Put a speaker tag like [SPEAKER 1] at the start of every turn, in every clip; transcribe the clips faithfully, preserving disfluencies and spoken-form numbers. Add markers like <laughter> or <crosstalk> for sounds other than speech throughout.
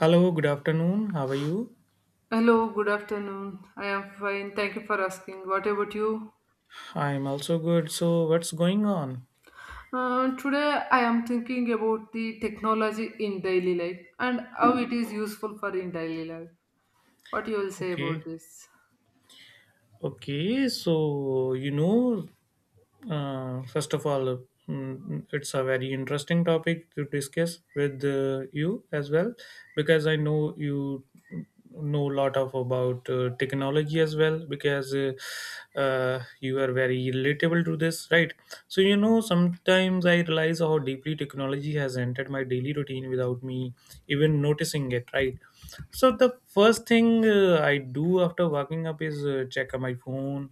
[SPEAKER 1] Hello, good afternoon. How are you?
[SPEAKER 2] Hello, good afternoon. I am fine. Thank you for asking. What about you?
[SPEAKER 1] I'm also good. So, what's going on?
[SPEAKER 2] Uh, today, I am thinking about the technology in daily life and how it is useful for in daily life. What you will say about
[SPEAKER 1] Okay.
[SPEAKER 2] this?
[SPEAKER 1] Okay. So, you know, Uh, first of all, mm, it's a very interesting topic to discuss with uh, you as well, because I know you know a lot of about uh, technology as well, because uh, uh, you are very relatable to this, right? So you know, sometimes I realize how deeply technology has entered my daily routine without me even noticing it, right? So the first thing uh, I do after waking up is uh, check my phone,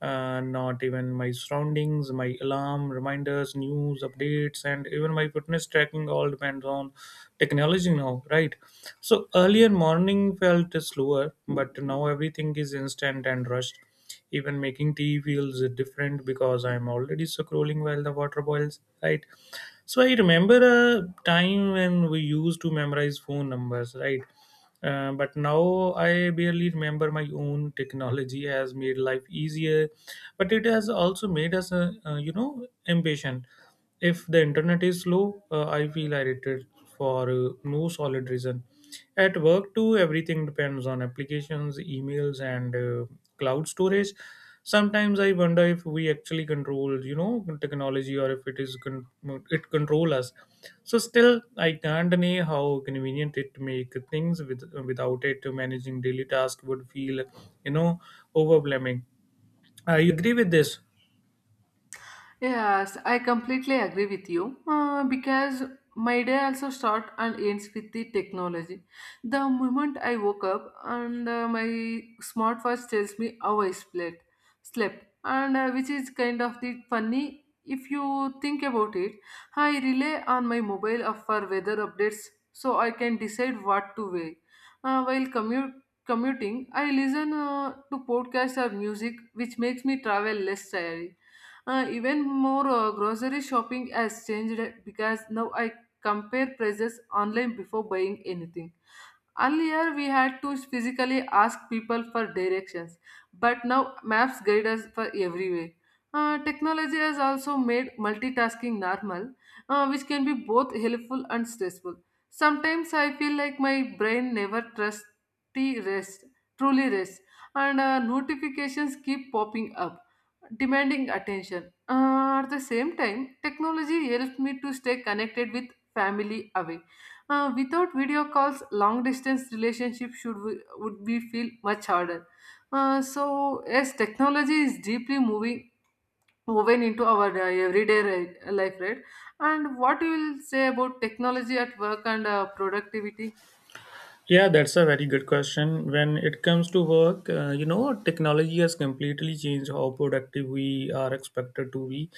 [SPEAKER 1] uh, not even my surroundings, my alarm, reminders, news, updates, and even my fitness tracking all depends on technology now, right? So earlier morning felt slower, but now everything is instant and rushed. Even making tea feels different because I'm already scrolling while the water boils, right? So I remember a time when we used to memorize phone numbers, right? Uh, but now I barely remember my own. Technology has made life easier, but it has also made us, uh, uh, you know, impatient. If the internet is slow, uh, I feel irritated for uh, no solid reason. At work, too, everything depends on applications, emails, and uh, cloud storage. Sometimes I wonder if we actually control, you know, technology or if it is con- it control us. So still, I can't deny how convenient it make things. With without it, managing daily task would feel, you know, overwhelming. I agree with this.
[SPEAKER 2] Yes, I completely agree with you uh, because my day also starts and ends with the technology. The moment I woke up and uh, my smartwatch tells me how I slept, slept, and uh, which is kind of the funny if you think about it. I rely on my mobile app for weather updates so I can decide what to wear. Uh, while commute commuting, I listen uh, to podcasts or music, which makes me travel less tired. Uh, even more, uh, grocery shopping has changed because now I compare prices online before buying anything. Earlier, we had to physically ask people for directions, but now maps guide us for every way. Uh, technology has also made multitasking normal, uh, which can be both helpful and stressful. Sometimes I feel like my brain never trusts rest, truly rests, and uh, notifications keep popping up, demanding attention. Uh, at the same time, technology helps me to stay connected with family away uh, without video calls, long distance relationship should we, would be feel much harder. Uh, so yes, technology is deeply moving woven into our uh, everyday ri- life, right? And what you will say about technology at work and uh, productivity?
[SPEAKER 1] Yeah, that's a very good question. When it comes to work, uh, you know, technology has completely changed how productive we are expected to be.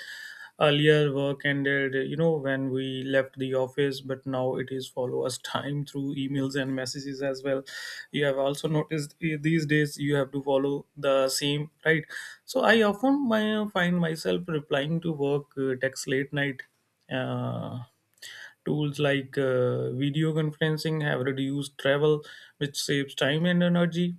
[SPEAKER 1] Earlier, work ended, you know, when we left the office, but now it is follow us <laughs> time through emails and messages as well. You have also noticed eh, these days you have to follow the same, right? So I often my, find myself replying to work uh, text late night. Uh, Tools like uh, video conferencing have reduced travel, which saves time and energy.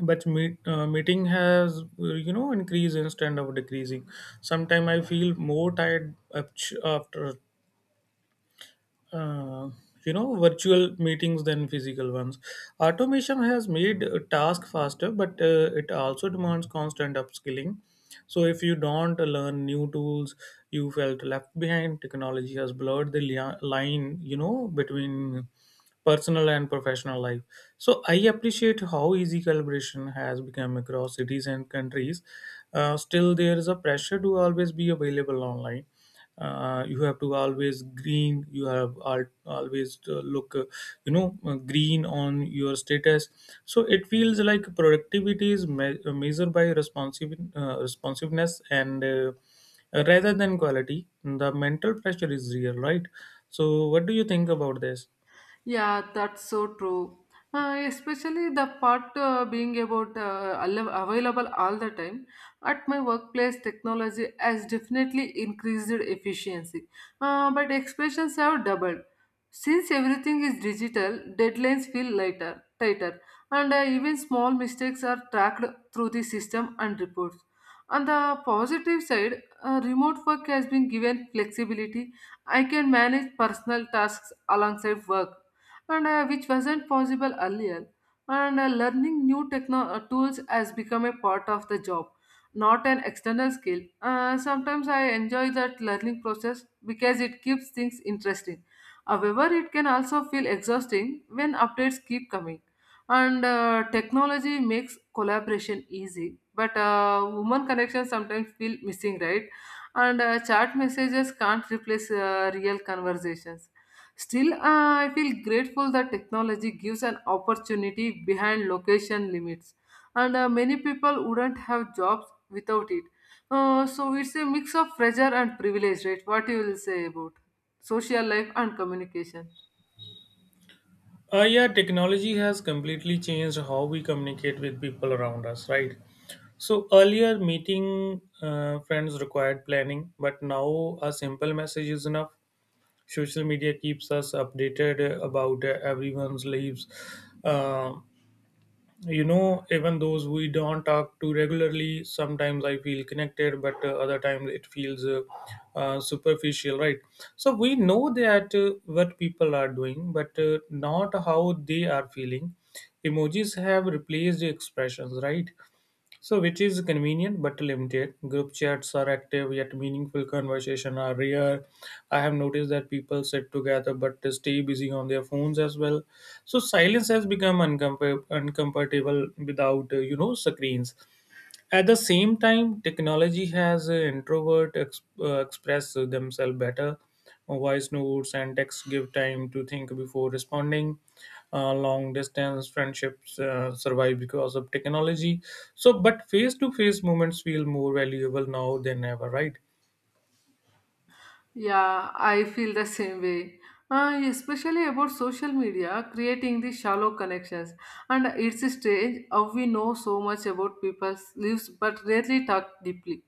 [SPEAKER 1] But meet, uh, meeting has, uh, you know, increased instead of decreasing. Sometimes I feel more tired apt- after uh, you know virtual meetings than physical ones automation has made a task faster but uh, it also demands constant upskilling so if you don't learn new tools you felt left behind technology has blurred the lia- line you know between personal and professional life. So I appreciate how easy collaboration has become across cities and countries. Uh, still, there is a pressure to always be available online. Uh, you have to always green. You have al- always to look, uh, you know, uh, green on your status. So it feels like productivity is me- uh, measured by responsive uh, responsiveness and uh, rather than quality. The mental pressure is real, right? So what do you think about this?
[SPEAKER 2] Yeah, that's so true. Uh, especially the part uh, being about uh, alle- available all the time. At my workplace, technology has definitely increased efficiency, uh, but expectations have doubled. Since everything is digital, deadlines feel lighter, tighter, and uh, even small mistakes are tracked through the system and reports. On the positive side, uh, remote work has been given flexibility. I can manage personal tasks alongside work and uh, which wasn't possible earlier. And uh, learning new techno- uh, tools has become a part of the job, not an external skill. Uh, sometimes I enjoy that learning process because it keeps things interesting. However, it can also feel exhausting when updates keep coming. And uh, technology makes collaboration easy, but uh, human connection sometimes feel missing, right? And uh, chat messages can't replace uh, real conversations. Still, uh, I feel grateful that technology gives an opportunity behind location limits, and uh, many people wouldn't have jobs without it. Uh, so it's a mix of pressure and privilege, right? What you will say about social life and communication?
[SPEAKER 1] Uh, yeah, technology has completely changed how we communicate with people around us, right? So earlier, meeting uh, friends required planning, but now a simple message is enough. Social media keeps us updated uh, about uh, everyone's lives. Um you know, even those we don't talk to regularly, sometimes I feel connected, but uh, other times it feels uh, uh, superficial, right? So we know that uh, what people are doing, but uh, not how they are feeling. Emojis have replaced expressions, right? So, which is convenient but limited. Group chats are active, yet meaningful conversation are rare. I have noticed that people sit together but stay busy on their phones as well. So, silence has become uncomfort- uncomfortable without, uh, you know, screens. At the same time, technology has uh, introvert ex- uh, express themselves better. Voice notes and text give time to think before responding. Uh, long distance friendships uh, survive because of technology. So, but face to face moments feel more valuable now than ever, right?
[SPEAKER 2] Yeah, I feel the same way. Uh, especially about social media creating the shallow connections. And it's strange how we know so much about people's lives but rarely talk deeply.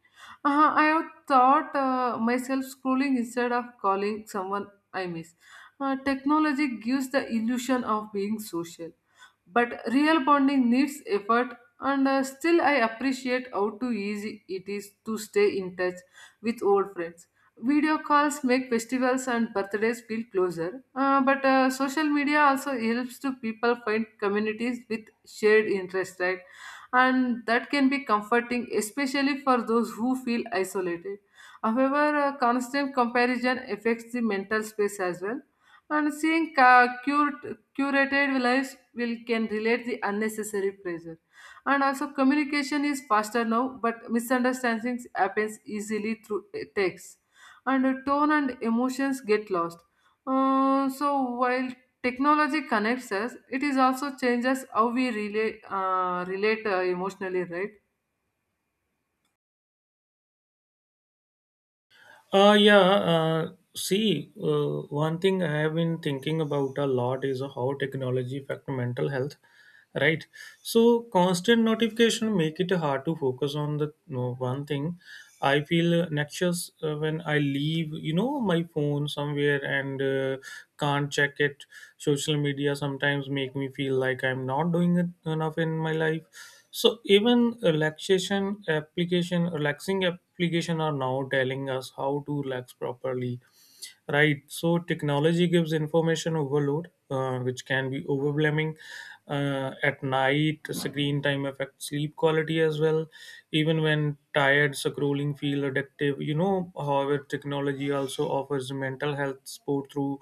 [SPEAKER 2] Uh, I have thought uh, myself scrolling instead of calling someone I miss. Uh, technology gives the illusion of being social, but real bonding needs effort. And uh, still, I appreciate how too easy it is to stay in touch with old friends. Video calls make festivals and birthdays feel closer, uh, but uh, social media also helps to people find communities with shared interest, right? And that can be comforting, especially for those who feel isolated. However, uh, constant comparison affects the mental space as well, and seeing ca- cured, curated lives will can relate the unnecessary pressure. And also, communication is faster now, but misunderstandings happens easily through uh, text and the tone and emotions get lost. Uh, so while technology connects us, it is also changes how we relate, uh, relate uh, emotionally, right?
[SPEAKER 1] Uh, yeah. Uh, see, uh, one thing I have been thinking about a lot is how technology affect mental health, right? So constant notification make it hard to focus on the no, one thing. I feel anxious uh, when I leave, you know, my phone somewhere and uh, can't check it. Social media sometimes make me feel like I'm not doing it enough in my life. So even relaxation application, relaxing application are now telling us how to relax properly. Right. So technology gives information overload, uh, which can be overwhelming uh, at night. Screen time affects sleep quality as well. Even when tired, scrolling feel addictive. You know, however, technology also offers mental health support through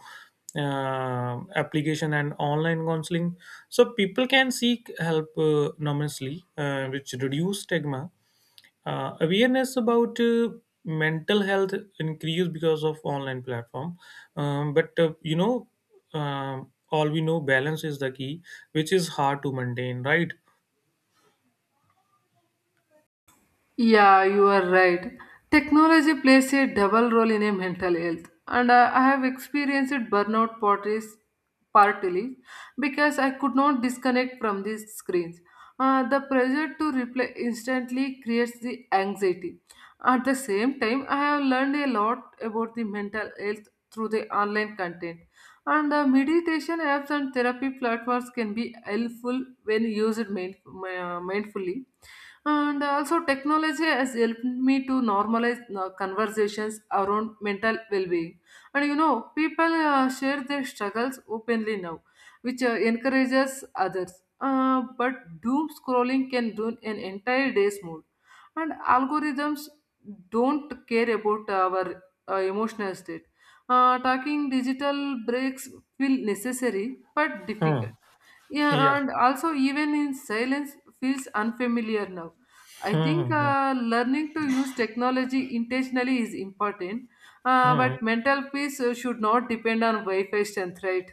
[SPEAKER 1] uh, application and online counseling. So people can seek help uh, anonymously, uh, which reduce stigma uh, awareness about uh, mental health increased because of online platform um, but uh, you know um, all we know balance is the key which is hard to maintain right.
[SPEAKER 2] Yeah, you are right. Technology plays a double role in a mental health, and uh, I have experienced burnout parties partly because I could not disconnect from these screens. Uh, the pressure to reply instantly creates the anxiety. At the same time, I have learned a lot about the mental health through the online content. And the meditation apps and therapy platforms can be helpful when used mind- uh, mindfully. And also, technology has helped me to normalize uh, conversations around mental well being. And you know, people uh, share their struggles openly now, which uh, encourages others. Uh, but doom scrolling can ruin an entire day's mood. And algorithms don't care about our uh, emotional state. Uh, talking digital breaks feel necessary but
[SPEAKER 1] Hmm.
[SPEAKER 2] difficult. Yeah,
[SPEAKER 1] Yeah.
[SPEAKER 2] and also even in silence feels unfamiliar now. I
[SPEAKER 1] Hmm.
[SPEAKER 2] think
[SPEAKER 1] Hmm.
[SPEAKER 2] uh, learning to use technology intentionally is important, uh,
[SPEAKER 1] Hmm, hmm.
[SPEAKER 2] but mental peace uh, should not depend on Wi Fi strength, right?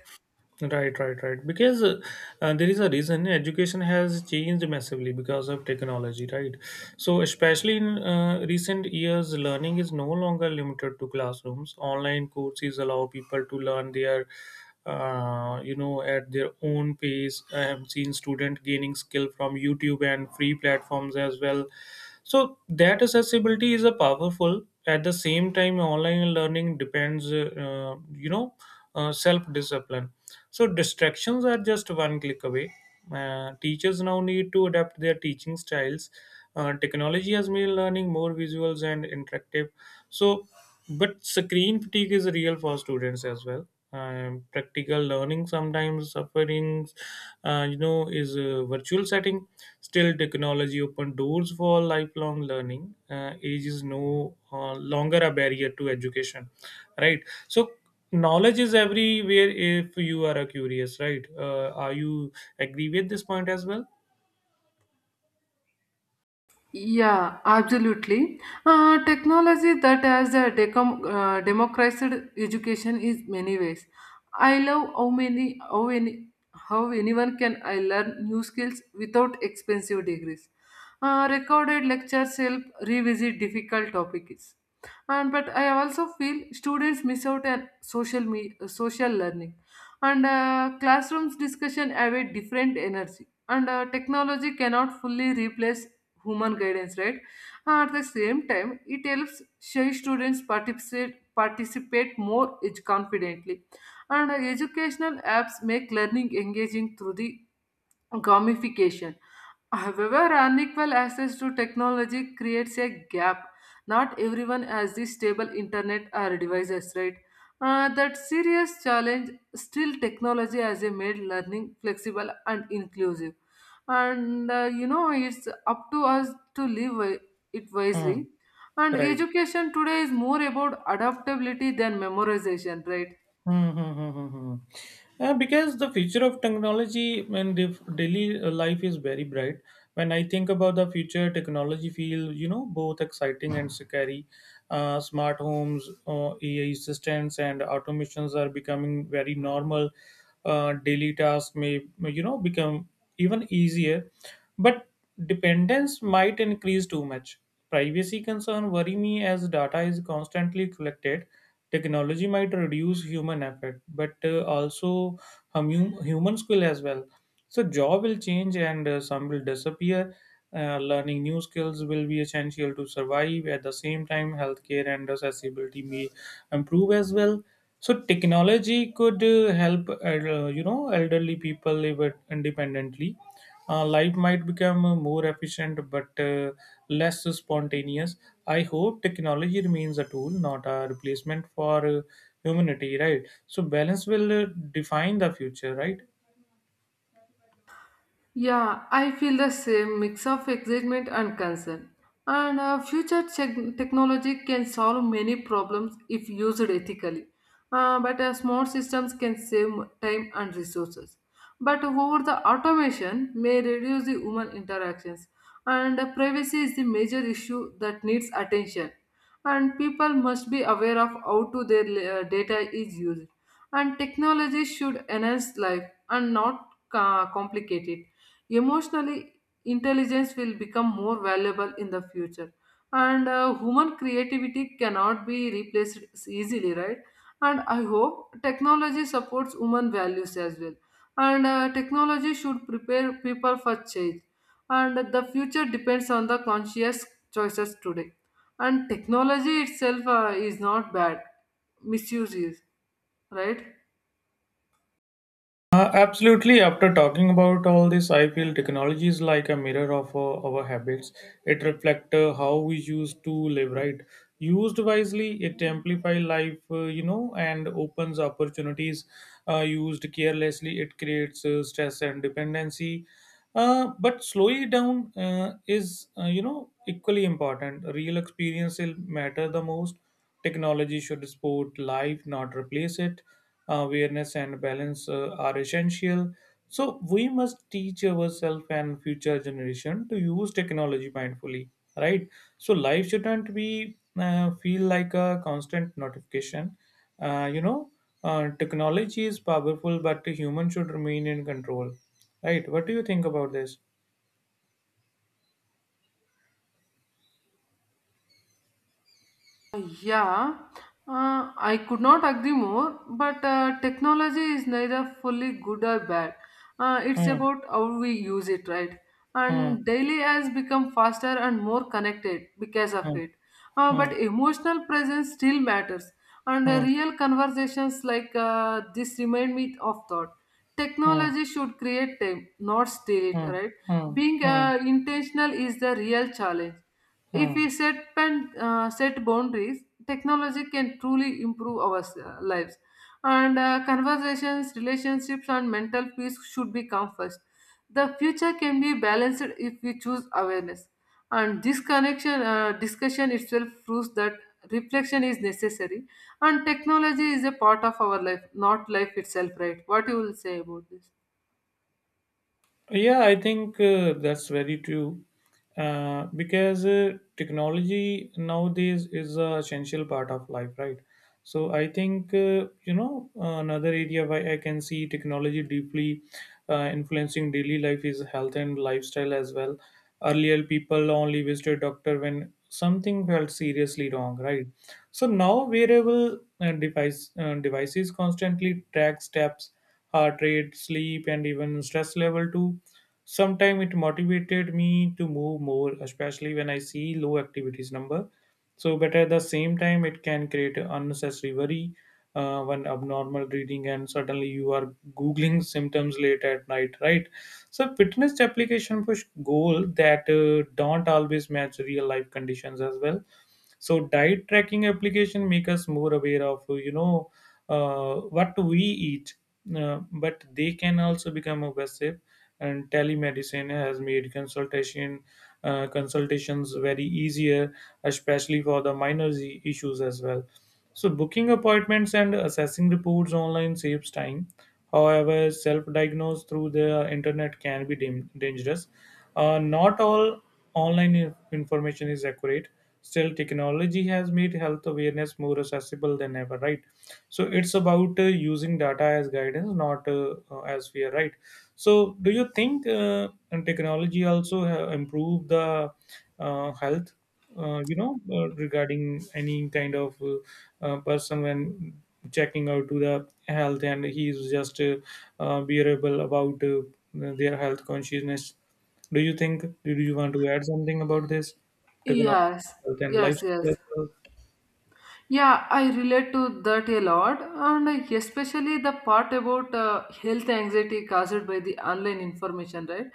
[SPEAKER 1] Right, right, right. Because uh, uh, there is a reason education has changed massively because of technology, right? So, especially in uh, recent years, learning is no longer limited to classrooms. Online courses allow people to learn their, uh, you know, at their own pace. I have seen student gaining skill from YouTube and free platforms as well. So that accessibility is a powerful. At the same time, online learning depends, uh, uh, you know, uh, self discipline so distractions are just one click away. Uh, teachers now need to adapt their teaching styles. Uh, technology has made learning more visuals and interactive. So, but screen fatigue is real for students as well. Um, practical learning sometimes sufferings, uh, you know, is a virtual setting. Still, technology open doors for lifelong learning. Uh, age is no uh, longer a barrier to education right so knowledge is everywhere if you are a curious right uh, are you agree with this point as well.
[SPEAKER 2] Yeah, absolutely. Uh, technology that has uh, decom- uh, democratized education is many ways. I love how many how any how anyone can I learn new skills without expensive degrees. Uh, recorded lectures help revisit difficult topics, and but I also feel students miss out on social me- social learning, and uh, classrooms discussion have a different energy, and uh, technology cannot fully replace human guidance, right? At the same time, it helps shy students participate participate more ed- confidently. And uh, educational apps make learning engaging through the gamification. However, unequal access to technology creates a gap. Not everyone has the stable internet or devices, right? Uh, that serious challenge still technology has a made learning flexible and inclusive. And uh, you know, it's up to us to live wi- it
[SPEAKER 1] Hmm.
[SPEAKER 2] wisely. And
[SPEAKER 1] Right.
[SPEAKER 2] education today is more about adaptability than memorization, right?
[SPEAKER 1] Hmm, hmm, hmm, hmm, hmm. Uh, because the future of technology and the daily life is very bright. When I think about the future, technology feel you know both exciting and scary. Uh, smart homes, uh, A I assistants, and automations are becoming very normal. Uh, daily tasks may you know become even easier. But dependence might increase too much. Privacy concern worry me as data is constantly collected. Technology might reduce human effort, but uh, also hum- human skill as well so job will change and uh, some will disappear. Uh, learning new skills will be essential to survive. At the same time, healthcare and accessibility may improve as well. So technology could uh, help uh, you know elderly people live it independently. Uh, life might become uh, more efficient but uh, less spontaneous. I hope technology remains a tool, not a replacement for uh, humanity, right? So balance will uh, define the future, right?
[SPEAKER 2] Yeah, I feel the same mix of excitement and concern. And uh, future tech- technology can solve many problems if used ethically. Uh, but uh, smart systems can save time and resources. But over the automation may reduce the human interactions. And uh, privacy is the major issue that needs attention. And people must be aware of how to their uh, data is used and technology should enhance life and not ca- complicate it. Emotionally, intelligence will become more valuable in the future, and uh, human creativity cannot be replaced easily, right? And I hope technology supports human values as well. And uh, technology should prepare people for change. And the future depends on the conscious choices today. And technology itself uh, is not bad, misuse is, right?
[SPEAKER 1] Uh, absolutely. After talking about all this, I feel technology is like a mirror of uh, our habits. It reflects uh, how we used to live, right? Used wisely, it amplifies life, uh, you know, and opens opportunities. Uh, used carelessly, it creates uh, stress and dependency. Uh, but slowing it down uh, is, uh, you know, equally important. Real experience will matter the most. Technology should support life, not replace it. Awareness and balance uh, are essential. So we must teach ourselves and future generation to use technology mindfully, right? So life shouldn't be uh, feel like a constant notification. Uh, you know, uh, technology is powerful, but the human should remain in control. Right. What do you think about this?
[SPEAKER 2] Yeah, uh, I could not agree more, but uh, technology is neither fully good or bad. Uh, it's
[SPEAKER 1] Hmm.
[SPEAKER 2] about how we use it, right?
[SPEAKER 1] Hmm.
[SPEAKER 2] And daily has become faster and more connected because of
[SPEAKER 1] Hmm.
[SPEAKER 2] it. Uh,
[SPEAKER 1] Hmm.
[SPEAKER 2] but emotional presence still matters, and uh,
[SPEAKER 1] Hmm.
[SPEAKER 2] real conversations like uh, this remind me of thought.
[SPEAKER 1] Hmm.
[SPEAKER 2] Technology should create time, not steal it,
[SPEAKER 1] Hmm.
[SPEAKER 2] right?
[SPEAKER 1] Hmm.
[SPEAKER 2] Being
[SPEAKER 1] Hmm.
[SPEAKER 2] uh, intentional is the real challenge. If
[SPEAKER 1] Hmm.
[SPEAKER 2] we set and uh, set boundaries, technology can truly improve our uh, lives. And uh, conversations, relationships, and mental peace should be come first. The future can be balanced if we choose awareness. And this connection, uh, discussion itself proves that reflection is necessary. And technology is a part of our life, not life itself, right? What you will say about this?
[SPEAKER 1] Yeah, I think uh, that's very true. Uh, because uh, technology nowadays is an essential part of life, right? So I think, uh, you know, another area where I can see technology deeply uh, influencing daily life is health and lifestyle as well. Earlier, people only visited doctor when something felt seriously wrong, right? So now wearable uh, device, uh, devices constantly track steps, heart rate, sleep, and even stress level too. Sometimes it motivated me to move more, especially when I see low activities number. So, but at the same time, it can create unnecessary worry uh, when abnormal reading and suddenly you are googling symptoms late at night, right? So, fitness application push goal that uh, don't always match real life conditions as well so diet tracking application make us more aware of you know uh, what we eat uh, but they can also become obsessive and telemedicine has made consultation uh, consultations very easier especially for the minor z- issues as well so booking appointments and assessing reports online saves time however self diagnose through the internet can be dam- dangerous uh, not all online in- information is accurate. Still, technology has made health awareness more accessible than ever, right? So it's about uh, using data as guidance, not uh, uh, as fear, right? So, do you think uh, and technology also ha- improve the uh, health? Uh, you know, uh, regarding any kind of uh, uh, person when checking out to the health, and he is just uh, uh, bearable about uh, their health consciousness. Do you think, do you want to add something about this? Economic
[SPEAKER 2] Yes,
[SPEAKER 1] health and
[SPEAKER 2] yes,
[SPEAKER 1] lifestyle as
[SPEAKER 2] yes.
[SPEAKER 1] well?
[SPEAKER 2] Yeah, I relate to that a lot, and especially the part about uh, health anxiety caused by the online information, right?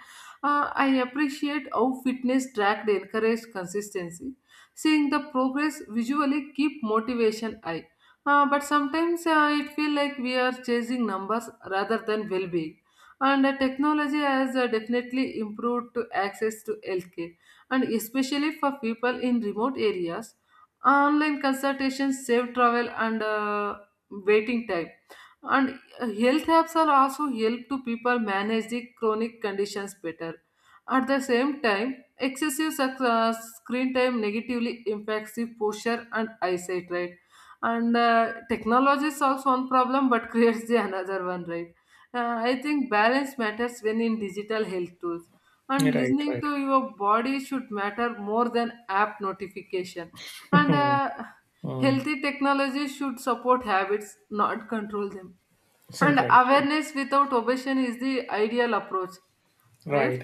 [SPEAKER 2] Uh, I appreciate how fitness tracked encouraged consistency. Seeing the progress visually keep motivation high. Uh, but sometimes uh, it feel like we are chasing numbers rather than well-being. And uh, technology has uh, definitely improved to access to healthcare, and especially for people in remote areas online consultations save travel and uh, waiting time and uh, health apps are also help to people manage the chronic conditions better at the same time excessive sc- uh, screen time negatively impacts the posture and eyesight, right? And uh, technology solves one problem but <laughs> creates the another one, right? Uh, I think balance matters when in digital health tools
[SPEAKER 1] Yeah,
[SPEAKER 2] and
[SPEAKER 1] right,
[SPEAKER 2] listening
[SPEAKER 1] right.
[SPEAKER 2] to your body should matter more than app notification
[SPEAKER 1] <laughs>
[SPEAKER 2] and
[SPEAKER 1] Mm,
[SPEAKER 2] uh,
[SPEAKER 1] mm,
[SPEAKER 2] healthy technology should support habits, not control them.
[SPEAKER 1] right,
[SPEAKER 2] And
[SPEAKER 1] right.
[SPEAKER 2] awareness without obsession is the ideal approach,
[SPEAKER 1] Right.
[SPEAKER 2] right?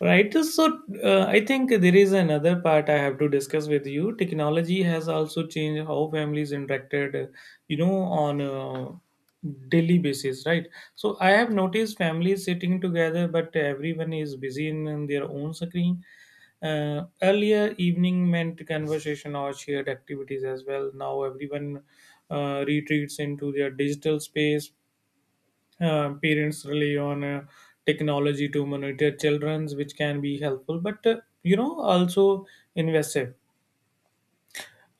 [SPEAKER 1] Right. So uh, I think there is another part I have to discuss with you. Technology has also changed how families interacted, uh, you know, on a daily basis, right? So I have noticed families sitting together, but everyone is busy in, in their own screen. Uh, earlier evening meant conversation or shared activities as well. Now everyone uh, retreats into their digital space. Uh, parents rely on uh, technology to monitor children's, which can be helpful, but uh, you know also invasive.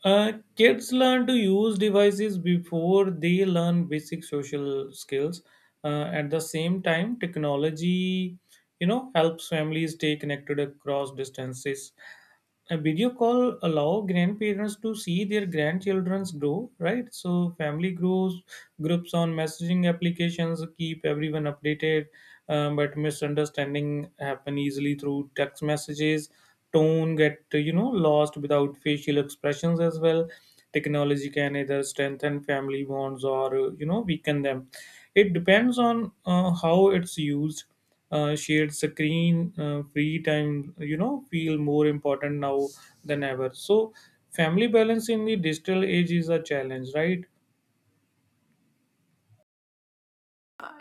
[SPEAKER 1] uh, Kids learn to use devices before they learn basic social skills. Uh, at the same time, technology, you know helps families stay connected across distances. A video call allow grandparents to see their grandchildren's grow, right? So family grows, groups on messaging applications keep everyone updated. Um, but misunderstanding happen easily through text messages, tone get you know lost without facial expressions as well. Technology can either strengthen family bonds or uh, you know weaken them. It depends on uh, how it's used. Uh, shared screen, uh, free time, you know feel more important now than ever. So family balance in the digital age is a challenge, right?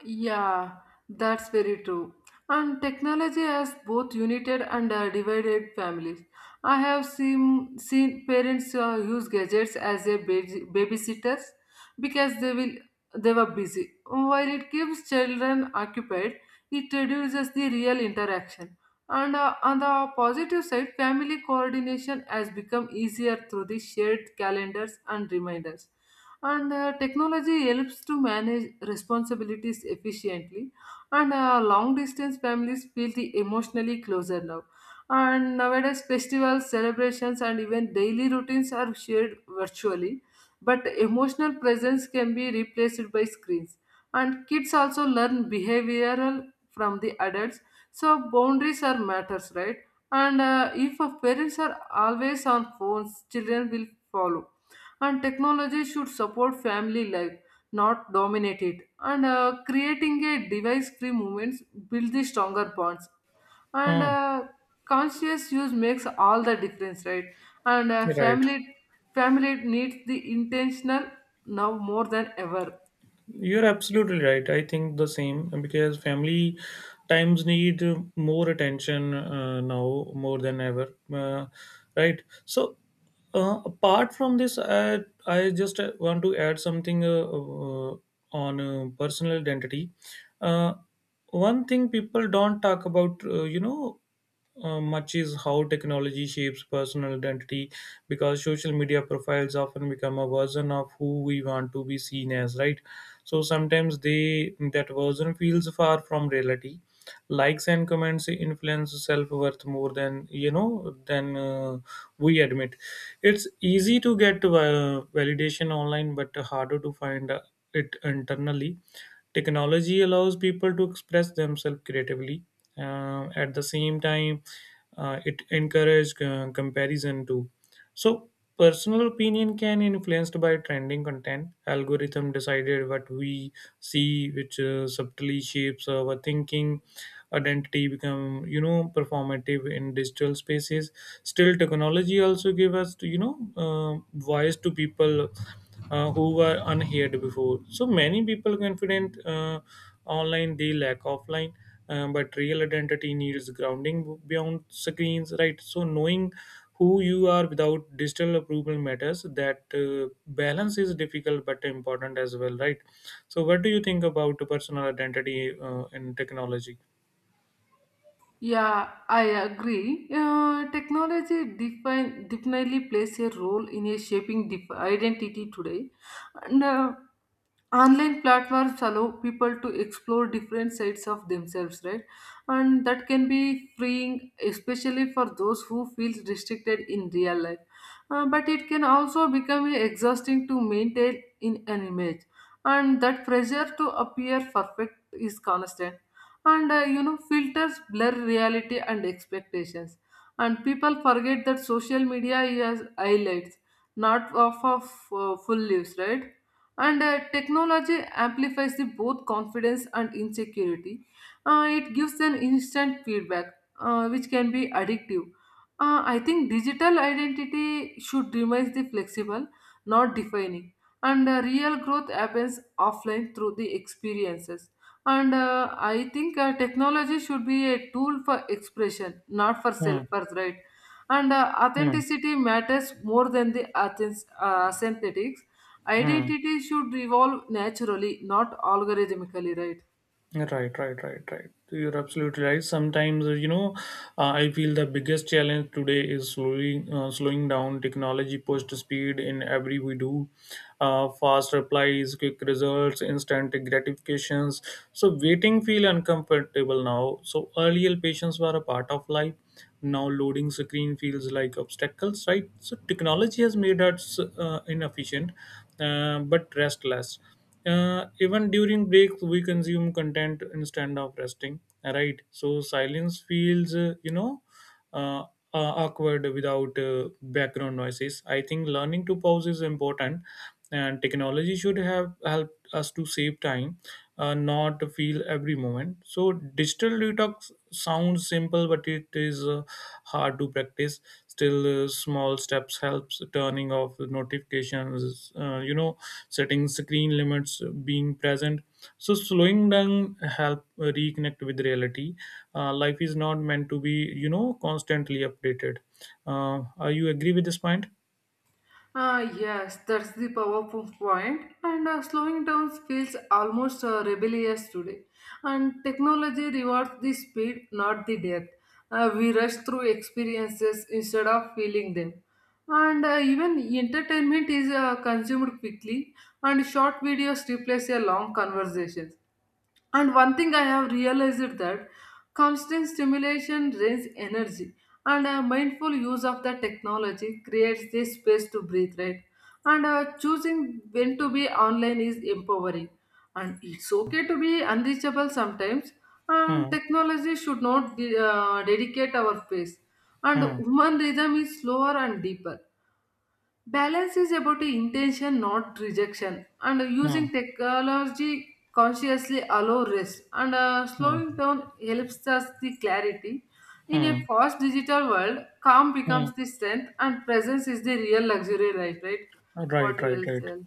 [SPEAKER 2] Yeah, that's very true. And technology has both united and uh, divided families. I have seen, seen parents uh, use gadgets as a basi- babysitters because they will they were busy. While it keeps children occupied, it reduces the real interaction. And uh, on the positive side, family coordination has become easier through the shared calendars and reminders and uh, technology helps to manage responsibilities efficiently and uh, long distance families feel the emotionally closer now and nowadays festivals celebrations and even daily routines are shared virtually but emotional presence can be replaced by screens and kids also learn behavioral from the adults so boundaries are matters, right? And uh, if uh, parents are always on phones children will follow and technology should support family life not dominate it and uh, creating a device free movements build the stronger bonds and
[SPEAKER 1] Hmm.
[SPEAKER 2] uh, conscious use makes all the difference, right? And uh,
[SPEAKER 1] Right.
[SPEAKER 2] family family needs the intentional now more than ever.
[SPEAKER 1] You're absolutely right. I think the same because family times need more attention uh, now more than ever. Uh, right. So, uh, apart from this, I, I just uh, want to add something uh, uh, on uh, personal identity. Uh, One thing people don't talk about, uh, you know, uh, much is how technology shapes personal identity, because social media profiles often become a version of who we want to be seen as, right? So sometimes they that version feels far from reality. Likes and comments influence self-worth more than you know than uh, we admit. It's easy to get uh, validation online, but harder to find uh, it internally. Technology allows people to express themselves creatively. Uh, at the same time, uh, it encourages uh, comparison too. So personal opinion can influenced by trending content. Algorithm decided what we see, which uh, subtly shapes our thinking. Identity become, you know performative in digital spaces. Still, technology also give us you know uh, voice to people uh, who were unheard before. So many people confident uh, online they lack offline, uh, but real identity needs grounding beyond screens, right? So knowing who you are without digital approval matters. That uh, balance is difficult but important as well, right? So what do you think about personal identity uh, in technology?
[SPEAKER 2] Yeah, I agree. Uh, technology define, definitely plays a role in a shaping dif- identity today. And uh, online platforms allow people to explore different sides of themselves, right? And that can be freeing, especially for those who feel restricted in real life. Uh, but it can also become exhausting to maintain in an image, and that pressure to appear perfect is constant and uh, you know filters blur reality and expectations and people forget that social media is highlights not of, of uh, full lives, right? And uh, technology amplifies the both confidence and insecurity. Uh, it gives an instant feedback uh, which can be addictive. Uh, I think digital identity should remain the flexible not defining and uh, real growth happens offline through the experiences and uh, i think uh, technology should be a tool for expression not for
[SPEAKER 1] Hmm.
[SPEAKER 2] self, right? And uh,
[SPEAKER 1] Hmm.
[SPEAKER 2] authenticity matters more than the athens uh, synthetics
[SPEAKER 1] Hmm.
[SPEAKER 2] identity should evolve naturally not algorithmically, right?
[SPEAKER 1] Right, right, right, right. You're absolutely right. Sometimes, uh, you know, uh, I feel the biggest challenge today is slowly uh, slowing down. Technology pushed speed in every we do, uh, fast replies, quick results, instant gratifications. So waiting feel uncomfortable now. So earlier patients were a part of life. Now loading screen feels like obstacles, right? So technology has made us uh, inefficient, uh, but restless. Uh, even during breaks, we consume content instead of resting, right? So silence feels, uh, you know, uh, uh, awkward without uh, background noises. I think learning to pause is important, and technology should have helped us to save time, uh, not to feel every moment. So digital detox sounds simple, but it is uh, hard to practice. Still, uh, small steps helps turning off the notifications, uh, you know, setting screen limits, uh, being present. So slowing down help uh, reconnect with reality. Uh, life is not meant to be, you know, constantly updated. Uh, are you agree with this point?
[SPEAKER 2] Ah, yes, that's the powerful point. And uh, slowing down feels almost uh, rebellious today. And technology rewards the speed, not the depth. Uh, we rush through experiences instead of feeling them. And uh, even entertainment is uh, consumed quickly, and short videos replace a long conversations. And one thing I have realized that constant stimulation drains energy, and a mindful use of the technology creates this space to breathe, right? And uh, choosing when to be online is empowering, and it's okay to be unreachable sometimes. And
[SPEAKER 1] Hmm.
[SPEAKER 2] technology should not de- uh, dedicate our space, and
[SPEAKER 1] Hmm.
[SPEAKER 2] human rhythm is slower and deeper. Balance is about intention, not rejection, and
[SPEAKER 1] Hmm.
[SPEAKER 2] using technology consciously allow rest. And uh,
[SPEAKER 1] Hmm.
[SPEAKER 2] slowing down helps us the clarity. In a
[SPEAKER 1] Hmm.
[SPEAKER 2] fast digital world, calm
[SPEAKER 1] Hmm.
[SPEAKER 2] becomes the strength, and presence is the real luxury life, right?
[SPEAKER 1] Right.
[SPEAKER 2] What you
[SPEAKER 1] Right.
[SPEAKER 2] will
[SPEAKER 1] Right.
[SPEAKER 2] tell?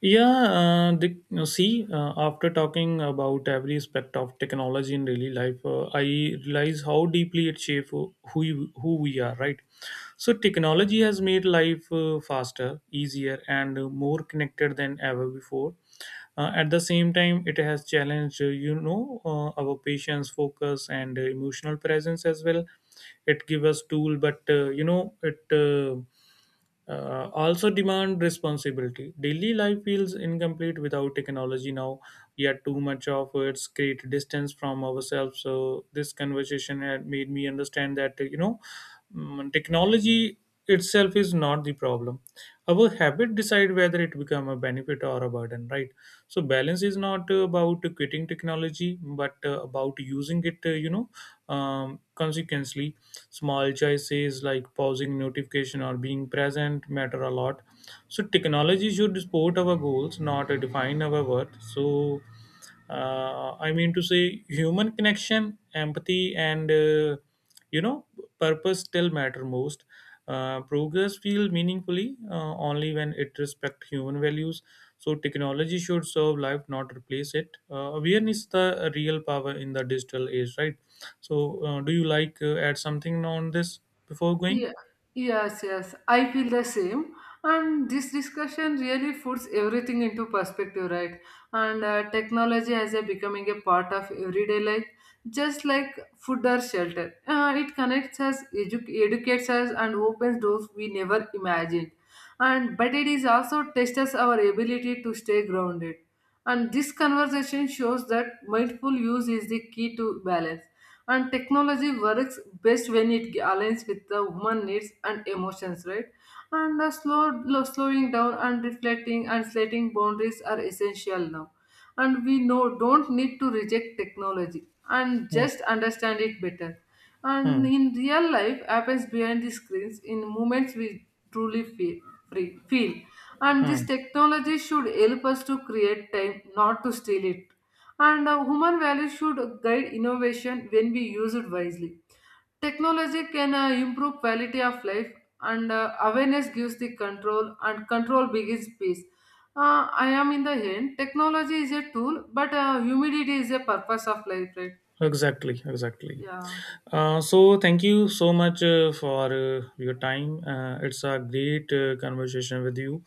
[SPEAKER 1] Yeah, uh, the, you see, uh, after talking about every aspect of technology in daily life, uh, I realize how deeply it shapes who we- who we are. Right, so technology has made life uh, faster, easier, and uh, more connected than ever before. Uh, at the same time, it has challenged, uh, you know, uh, our patience, focus, and uh, emotional presence as well. It gives us tool, but uh, you know, it. Uh, uh, also demand responsibility. Daily life feels incomplete without technology now. Yet too much of it's create distance from ourselves. So this conversation had made me understand that uh, you know, mm, technology itself is not the problem. Our habit decide whether it become a benefit or a burden, right? So balance is not uh, about quitting technology, but uh, about using it. Uh, you know, um, consequently, small choices like pausing notification or being present matter a lot. So technology should support our goals, not define our worth. So uh, I mean to say human connection, empathy, and uh, you know purpose still matter most. Uh, progress feel meaningfully uh, only when it respect human values. So technology should serve life, not replace it. Uh, awareness is the real power in the digital age, right? So uh, do you like uh, add something on this before going?
[SPEAKER 2] Yeah, yes, yes. I feel the same. And this discussion really puts everything into perspective, right? And uh, technology as a becoming a part of everyday life, just like food or shelter. Uh, it connects us, edu- educates us, and opens doors we never imagined. And but it is also tests our ability to stay grounded. And this conversation shows that mindful use is the key to balance and technology works best when it aligns with the human needs and emotions, right? And uh, slow, lo- slowing down and reflecting and setting boundaries are essential now and we know don't need to reject technology and
[SPEAKER 1] Hmm.
[SPEAKER 2] just understand it better and
[SPEAKER 1] Hmm.
[SPEAKER 2] in real life happens behind the screens in moments we truly feel free feel and this
[SPEAKER 1] Hmm.
[SPEAKER 2] technology should help us to create time not to steal it and uh, human values should guide innovation when we use it wisely. Technology can uh, improve quality of life, and uh, awareness gives the control, and control begins peace. Uh, I am in the end. Technology is a tool, but uh, humility is a purpose of life, right?
[SPEAKER 1] Exactly. Exactly.
[SPEAKER 2] Yeah.
[SPEAKER 1] Uh, so thank you so much uh, for uh, your time. Uh, it's a great uh, conversation with you.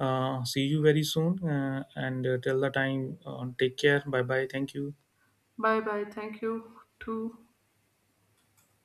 [SPEAKER 1] Uh, see you very soon. Uh, and uh, till the time, uh, take care. Bye bye. Thank you.
[SPEAKER 2] Bye bye. Thank you too.